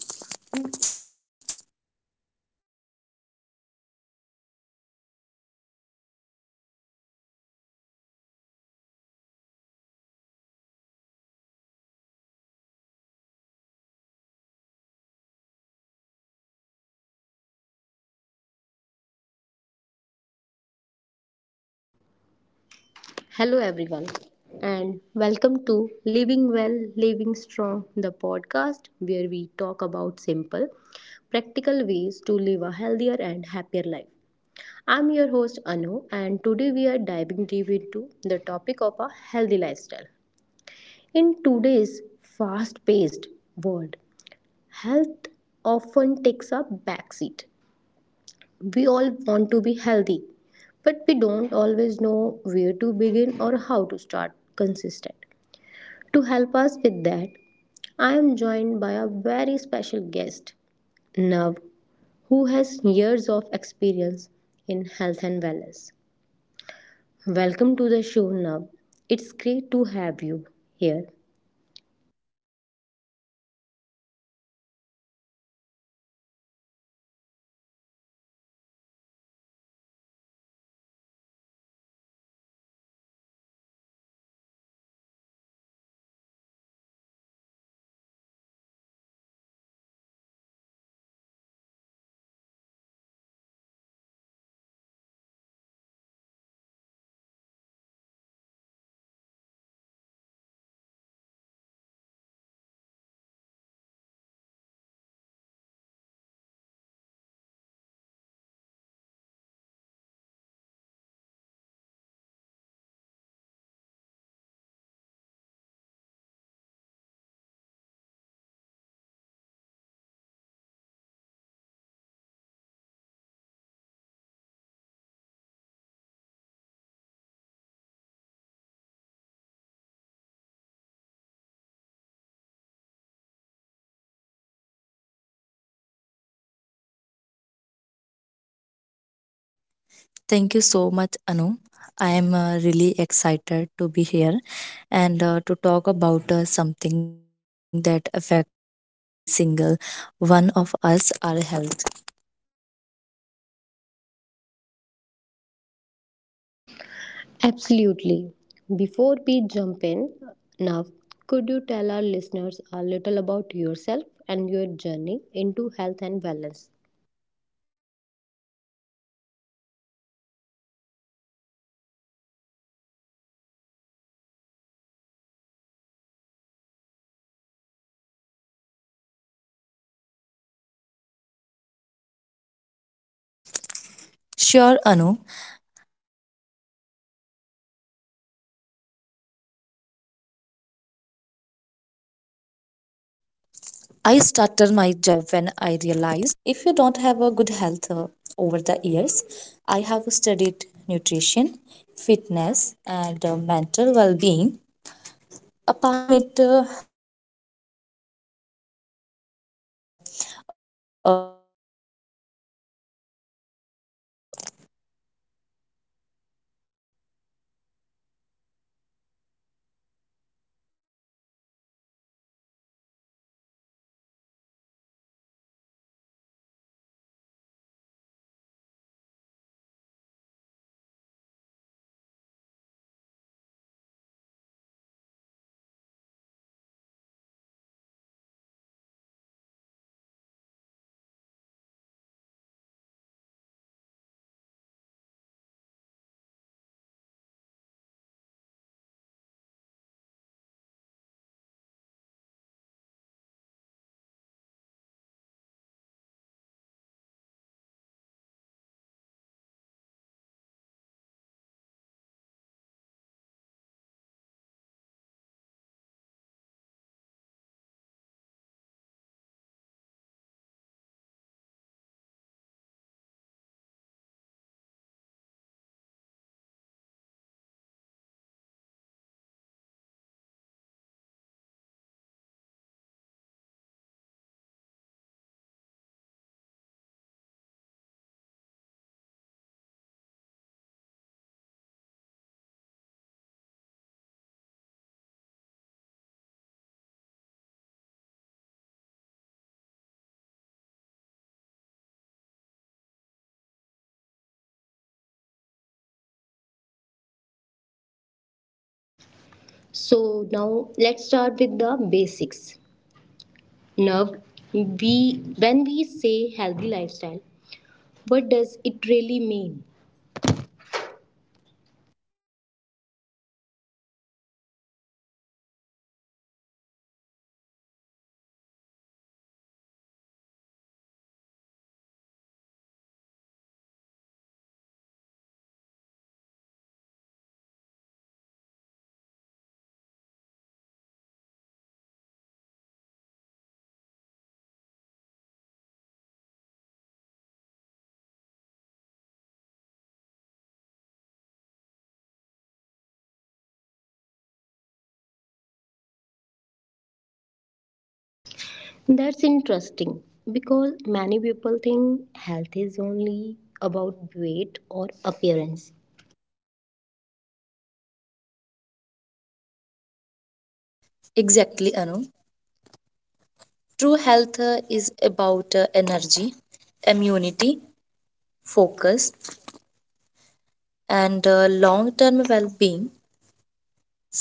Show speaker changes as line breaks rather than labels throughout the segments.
Yeah.
Hello, everyone, and welcome to Living Well, Living Strong, the podcast where we talk about simple, practical ways to live a healthier and happier life. I'm your host, Anu, and today we are diving deep into the topic of a healthy lifestyle. In today's fast paced world, health often takes a backseat. We all want to be healthy, but we don't always know where to begin or how to start consistent. To help us with that, I am joined by a very special guest, Nav, who has years of experience in health and wellness. Welcome to the show, Nav. It's great to have you here.
Thank you so much, Anu. I am really excited to be here and to talk about something that affects every single one of us, our health.
Absolutely. Before we jump in, Nav, could you tell our listeners a little about yourself and your journey into health and wellness?
Sure, Anu. I started my journey when I realized that success means nothing if you don't have a good health over the years. I have studied nutrition, fitness, and mental well being. Apart from it, I strongly believe that a healthy lifestyle is about balance, not perfection.
So now let's start with the basics. Nav, we when we say healthy lifestyle, what does it really mean?
A healthy lifestyle isn't just about eating salads or going to the gym. So, it's a combination of physical health, mental peace, emotional stability, and daily habits. So, it's about how you eat, move, think, sleep, and even how you talk to yourself.
That's interesting because many people think health is only about weight or appearance.
Exactly, Anu. True health is about energy, immunity, focus, and long term well being.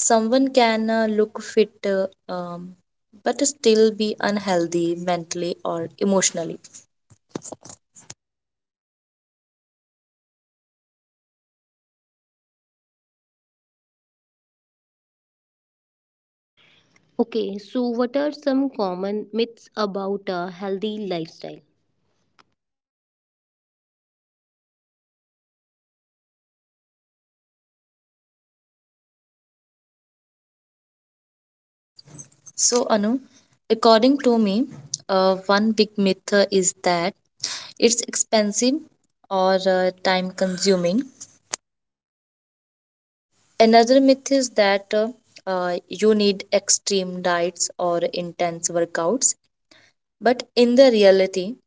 Someone can look fit, um, but still be unhealthy mentally or emotionally.
Okay, so what are some common myths about a healthy lifestyle?
So, Anu, according to me, one big myth is that it's expensive or time consuming. Another myth is that you need extreme diets or intense workouts. But in the reality,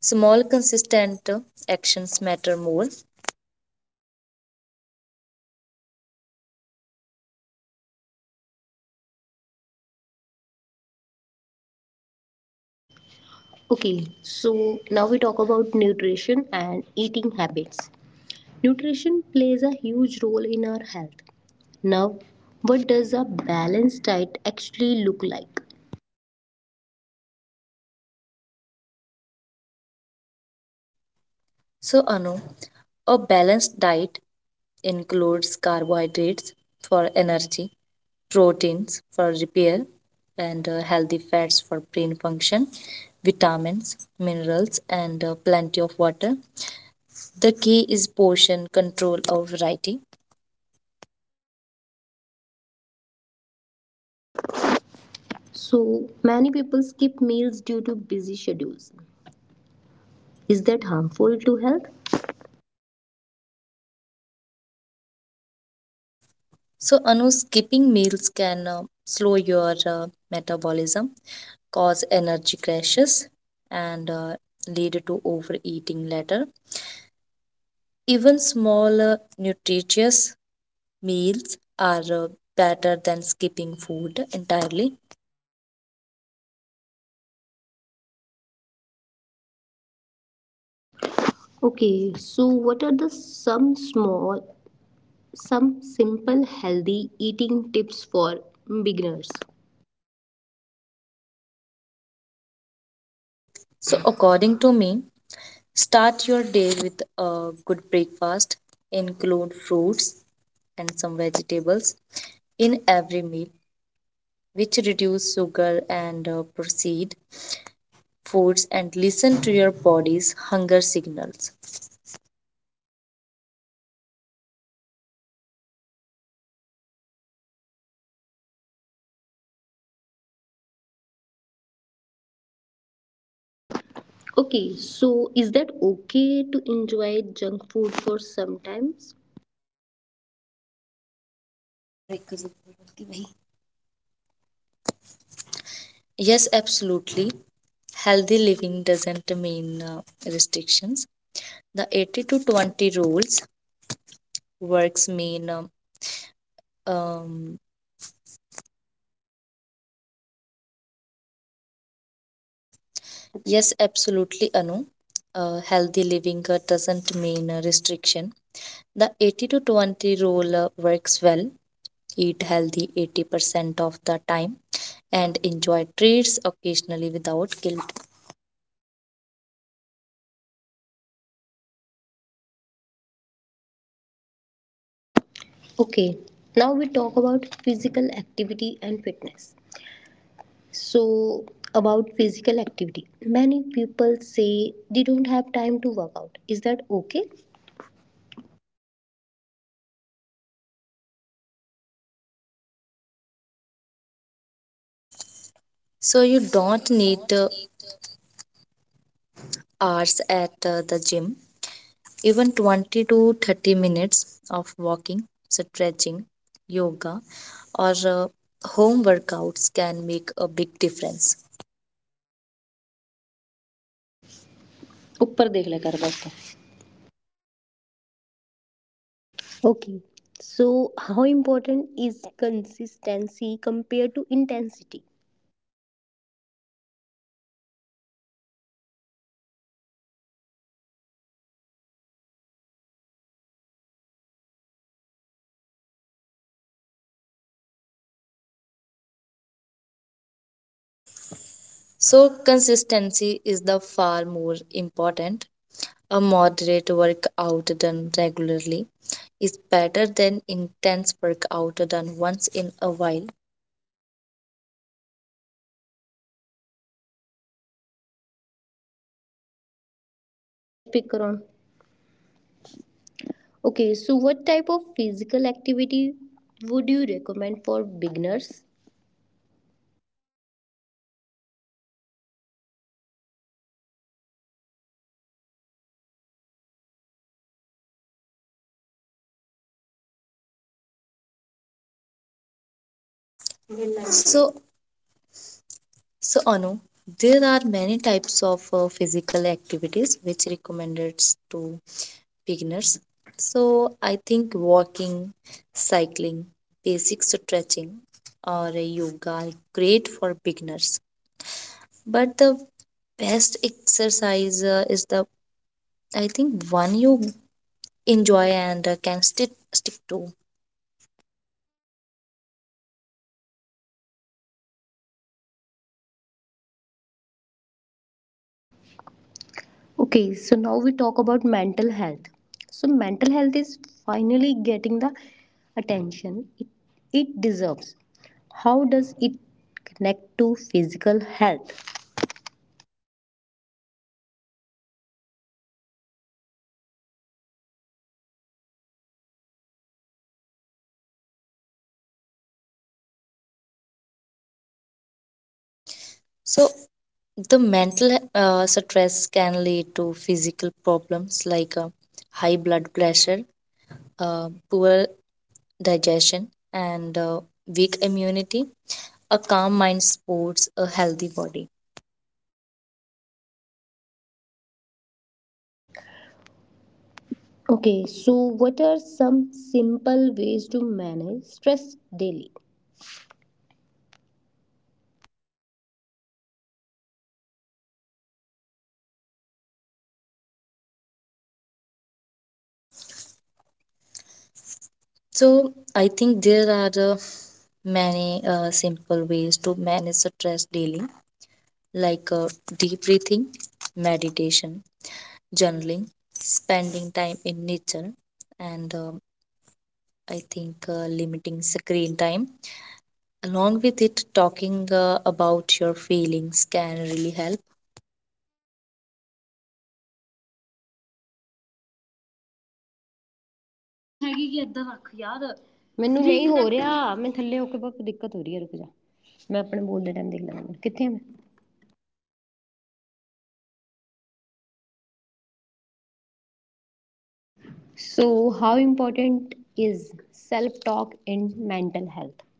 small, consistent actions matter more.
Okay, so now we talk about nutrition and eating habits. Nutrition plays a huge role in our health. Now, what does a balanced diet actually look like?
So, Anu, a balanced diet includes carbohydrates for energy, proteins for repair, and healthy fats for brain function, vitamins, minerals, and plenty of water. The key is portion control of variety.
So, many people skip meals due to busy schedules. Is that harmful to health?
So, Anu, skipping meals can slow your metabolism, cause energy crashes, and lead to overeating later. Even small, nutritious meals are better than skipping food entirely.
Okay, so what are the some small, some simple healthy eating tips for beginners?
So, according to me, start your day with a good breakfast, include fruits and some vegetables in every meal, which reduce sugar and proceed foods, and listen to your body's hunger signals.
Okay, so is that okay to enjoy junk food for sometimes?
Yes, absolutely. Healthy living doesn't mean restrictions. The 80 to 20 rules works mean, um, yes, absolutely, Anu. Healthy living doesn't mean restriction. The 80 to 20 rule works well. Eat healthy 80% of the time, and enjoy treats occasionally without guilt.
Okay, now we talk about physical activity and fitness. So, about physical activity, many people say they don't have time to work out. Is that okay?
So, you don't need hours at the gym, even 20 to 30 minutes of walking, stretching, yoga, or home workouts can make a big difference.
ऊपर देख ले कर बस. Okay, so how important is consistency compared to intensity?
So, consistency is the far more important. A moderate workout done regularly is better than intense workout done once in a while.
Speaker, speaker on. Okay, so what type of physical activity would you recommend for beginners?
So, So, Anu, there are many types of physical activities which recommended to beginners. So, I think walking, cycling, basic stretching, or a yoga are great for beginners. But the best exercise is the, I think, one you enjoy and can stick to.
Okay, so now we talk about mental health. So mental health is finally getting the attention it deserves. How does it connect to physical health?
So, the mental stress can lead to physical problems like high blood pressure, poor digestion, and weak immunity. A calm mind supports a healthy body.
Okay, so what are some simple ways to manage stress daily?
So, I think there are many simple ways to manage stress daily, like deep breathing, meditation, journaling, spending time in nature, and I think limiting screen time. Along with it, talking about your feelings can really help.
मैं नो भी हो रहा है, मैं थले हो जपाप से लगे में सिंट कह दूरी रुख हिए, मैं पनने बोल दे टाइम देख जा नहीं, कि और है मैं खना ए इसकिरा. So, how important is self-talk and mental health?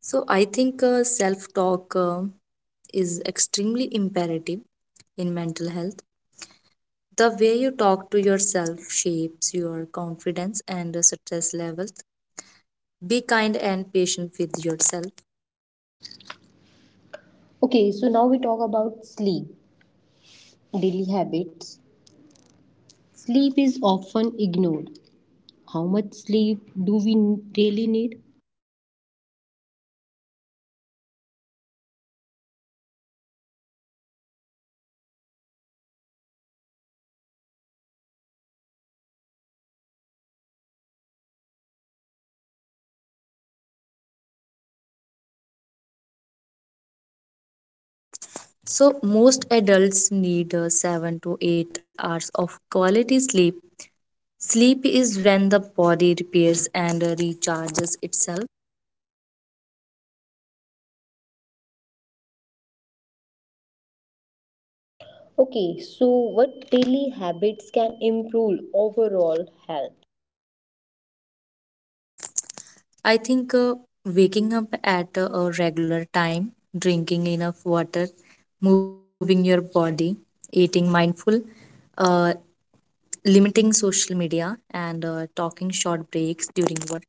So, I think self talk is extremely imperative in mental health. The way you talk to yourself shapes your confidence and stress levels. Be kind and patient with yourself.
Okay, so now we talk about sleep, daily habits. Sleep is often ignored. How much sleep do we really need?
So, most adults need 7 to 8 hours of quality sleep. Sleep is when the body repairs and recharges itself.
Okay, so what daily habits can improve overall health?
I think waking up at a regular time, drinking enough water, moving your body, eating mindful, uh, limiting social media, and talking short breaks during work.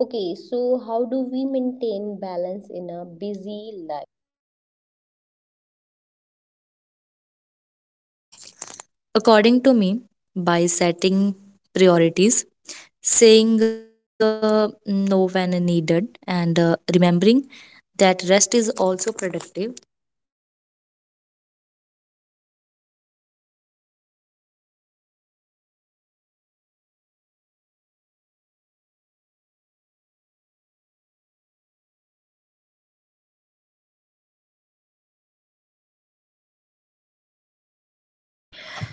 Okay, so how do we maintain balance in a busy life?
According to me, by setting priorities, saying no when needed, and remembering that rest is also productive.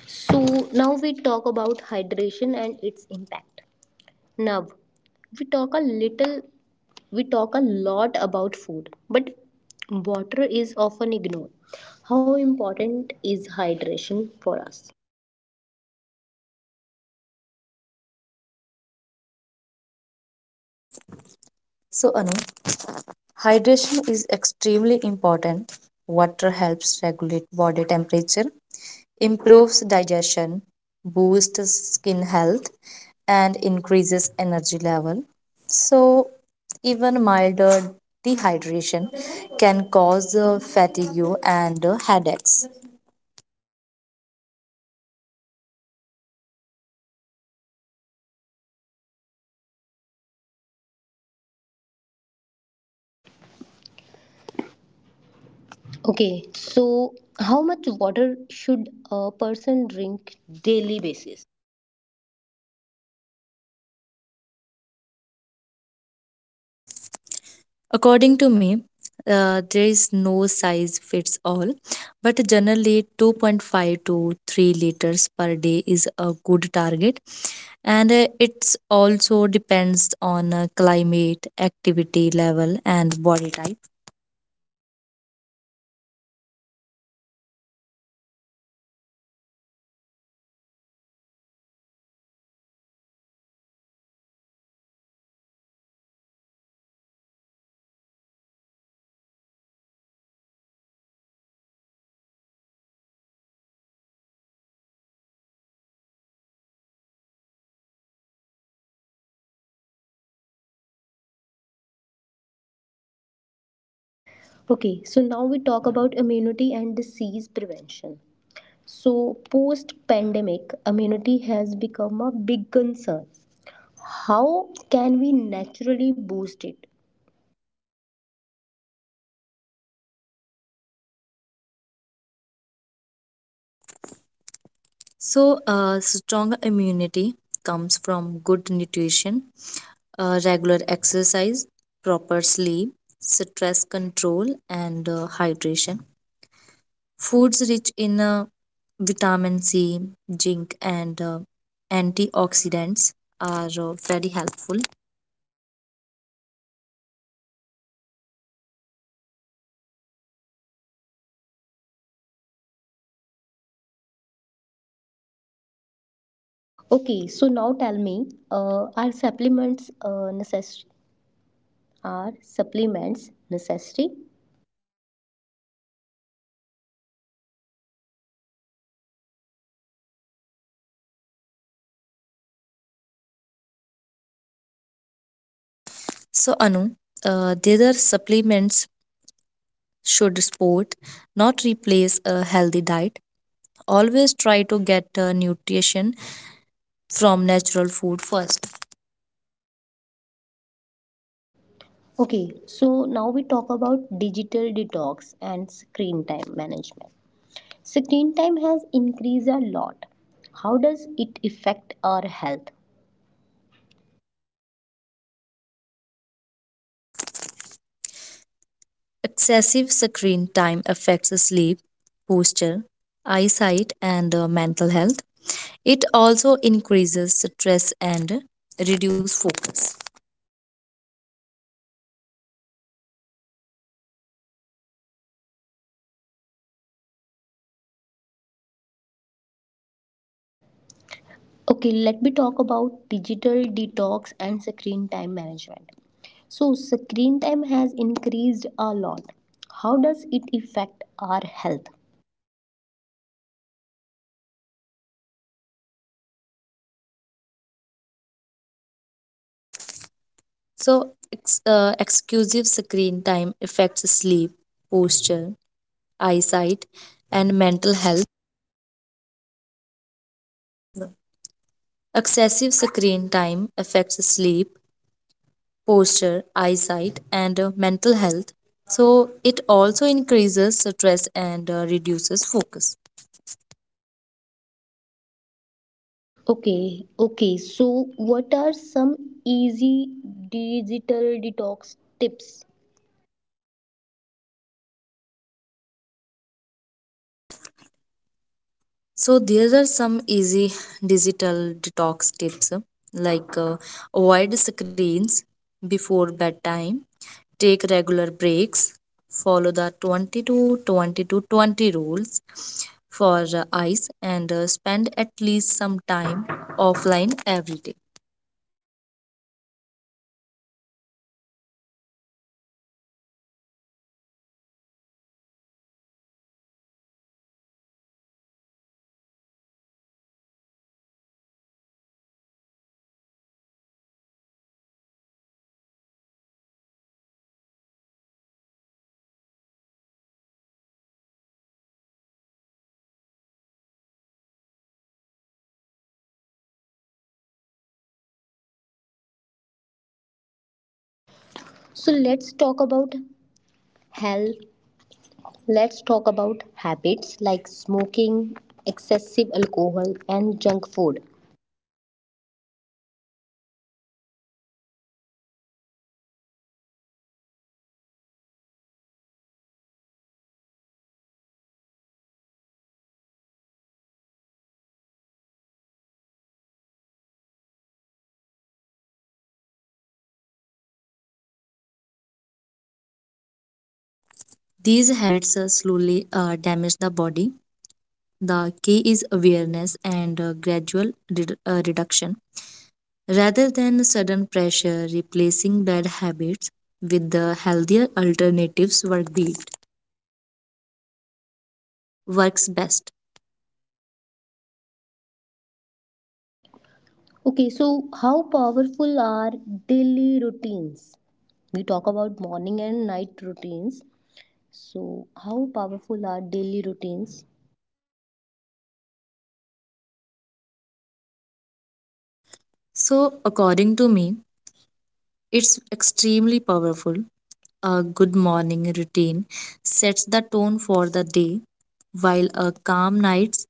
So now we talk about hydration and its impact. Now we talk a little we talk a lot about food, but water is often ignored. How important is hydration for us?
So, Anu, hydration is extremely important. Water helps regulate body temperature, improves digestion, boosts skin health, and increases energy level. So, even milder dehydration can cause fatigue and headaches.
Okay, so how much water should a person drink daily basis?
According to me, there is no size fits all, but generally 2.5 to 3 liters per day is a good target, and it's also depends on climate, activity level, and body type.
Okay, so now we talk about immunity and disease prevention. So post pandemic, immunity has become a big concern. How can we naturally boost it?
So, strong immunity comes from good nutrition, regular exercise, proper sleep, stress control, and hydration. Foods rich in vitamin C, zinc, and antioxidants are very helpful.
Okay, so now tell me, are supplements necessary are supplements necessary?
So, Anu, there are supplements should sport not replace a healthy diet. Always try to get nutrition from natural food first.
Okay, so now we talk about digital detox and screen time management. Screen time has increased a lot. How does it affect our health?
Excessive screen time affects sleep, posture, eyesight, and mental health. It also increases stress and reduce focus.
Okay, let me talk about digital detox and screen time management. So, screen time has increased a lot. How does it affect our health?
So, excessive screen time affects sleep, posture, eyesight, and mental health. Excessive screen time affects sleep, posture, eyesight, and mental health. So, it also increases stress and reduces focus.
Okay, okay. So, what are some easy digital detox tips?
So, there are some easy digital detox tips, like avoid screens before bedtime, take regular breaks, follow the 20 to 20 to 20 rules for eyes, and spend at least some time offline every day.
So, let's talk about health. Let's talk about habits like smoking, excessive alcohol, and junk food.
These habits slowly damage the body. The key is awareness and gradual reduction rather than sudden pressure. Replacing bad habits with the healthier alternatives works best.
Okay, so how powerful are daily routines? We talk about morning and night routines. So, how powerful are daily routines?
So, according to me, it's extremely powerful. A good morning routine sets the tone for the day, while a calm night's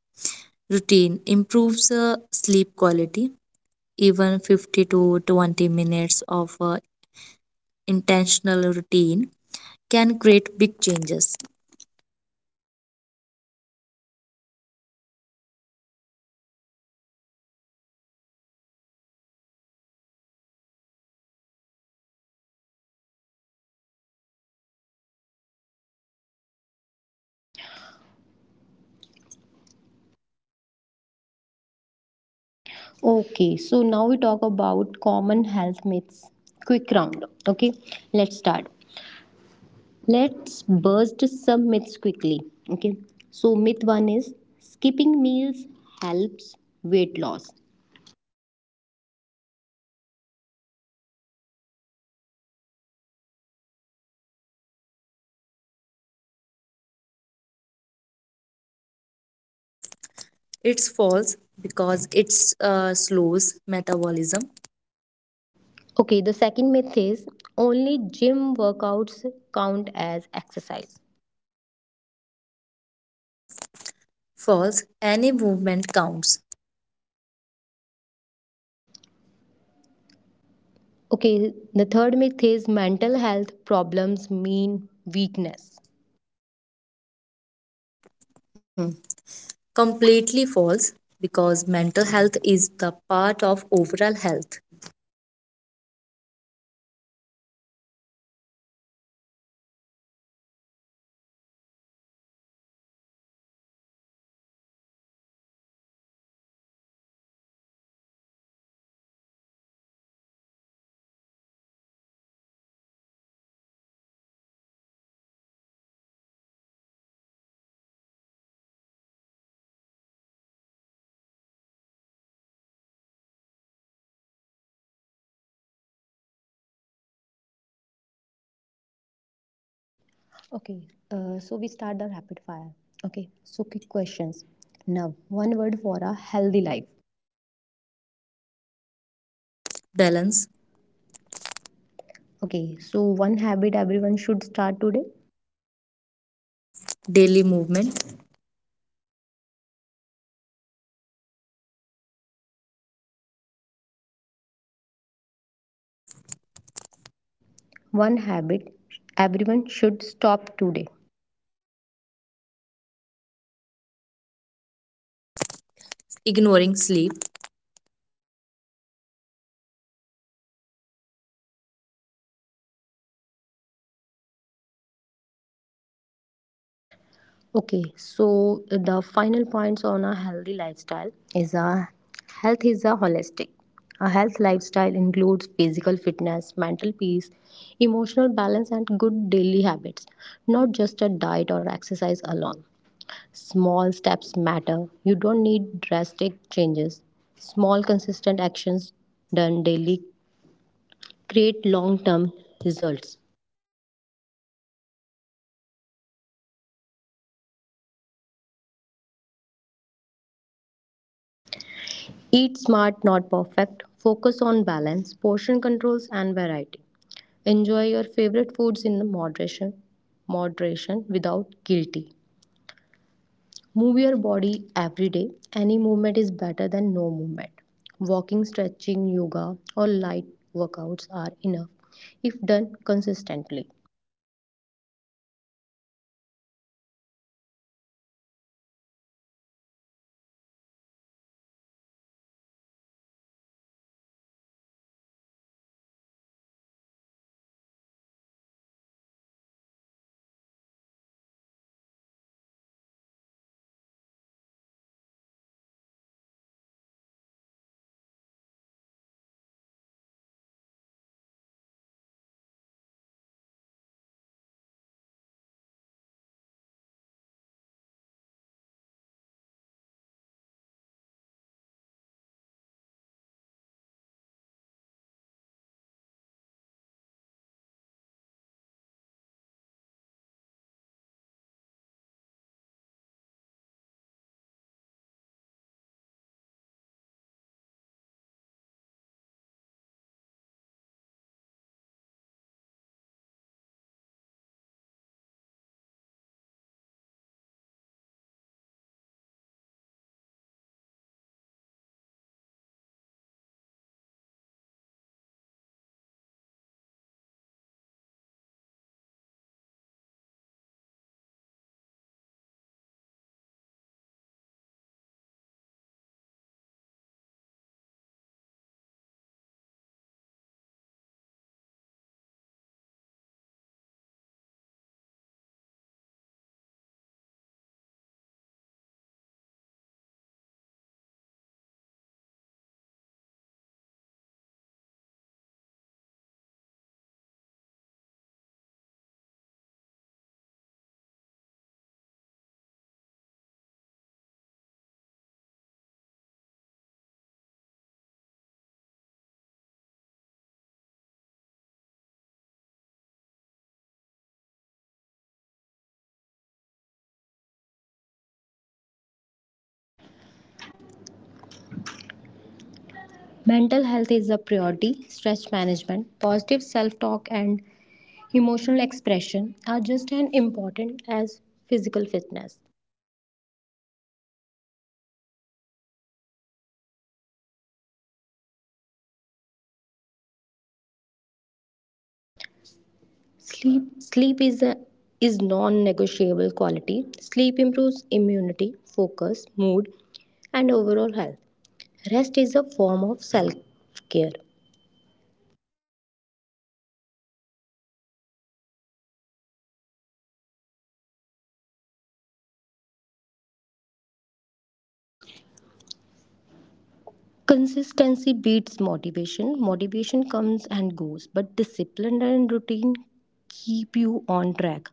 routine improves sleep quality. Even 50 to 20 minutes of intentional routine can create big changes.
Okay, so now we talk about common health myths. Quick round. Okay, let's start. Let's burst some myths quickly. Okay, so myth one is skipping meals helps weight loss.
It's false because it slows metabolism.
Okay, the second myth is only gym workouts count as exercise.
False, any movement counts.
Okay, the third myth is mental health problems mean weakness.
Hmm. Completely false because mental health is the part of overall health.
Okay, so we start the rapid fire. Okay, so quick questions. Now, one word for a healthy life.
Balance,
Okay, so one habit everyone should start today.
daily movement,
One habit everyone should stop today.
ignoring sleep.
Okay, so the final points on a healthy lifestyle is a health is a holistic. A health lifestyle includes physical fitness, mental peace, emotional balance, and good daily habits, not just a diet or exercise alone. Small steps matter. You don't need drastic changes. Small, consistent actions done daily create long term results. Eat smart, not perfect. Focus on balance, portion controls, and variety. Enjoy your favorite foods in moderation without guilty. Move your body every day. Any movement is better than no movement. Walking, stretching, yoga, or light workouts are enough if done consistently. Mental health is a priority. Stress management, positive self talk, and emotional expression are just as important as physical fitness. Sleep is a is non-negotiable quality. Sleep improves immunity, focus, mood, and overall health. Rest is a form of self-care. Consistency beats motivation. Motivation comes and goes, but discipline and routine keep you on track.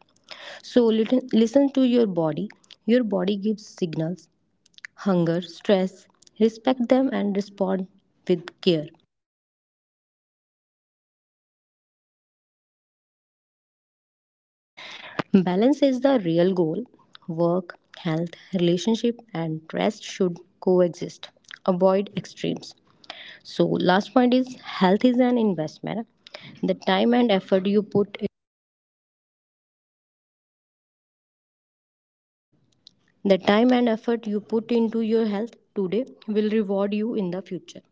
So listen to your body. Your body gives signals, hunger, stress. Respect them and respond with care. Balance is the real goal. Work, health, relationship, and rest should coexist. Avoid extremes. So, last point is health is an investment. The time and effort you put The time and effort you put into your health today will reward you in the future.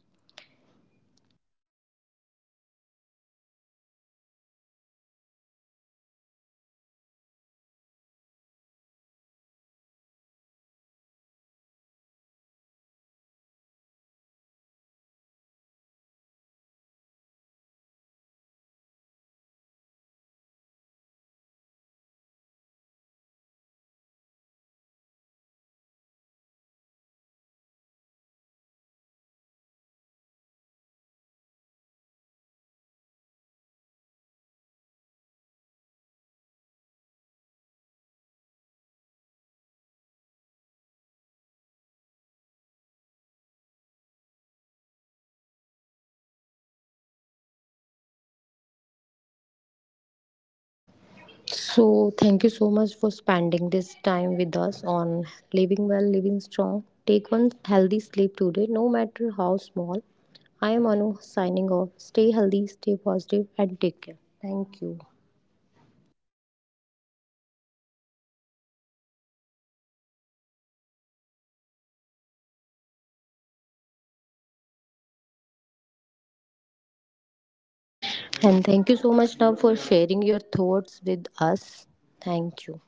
So, thank you so much for spending this time with us on Living Well, Living Strong. Take one healthy sleep today, no matter how small. I am Anu signing off. Stay healthy, stay positive, and take care. Thank you. And thank you so much, Nav, for sharing your thoughts with us. Thank you.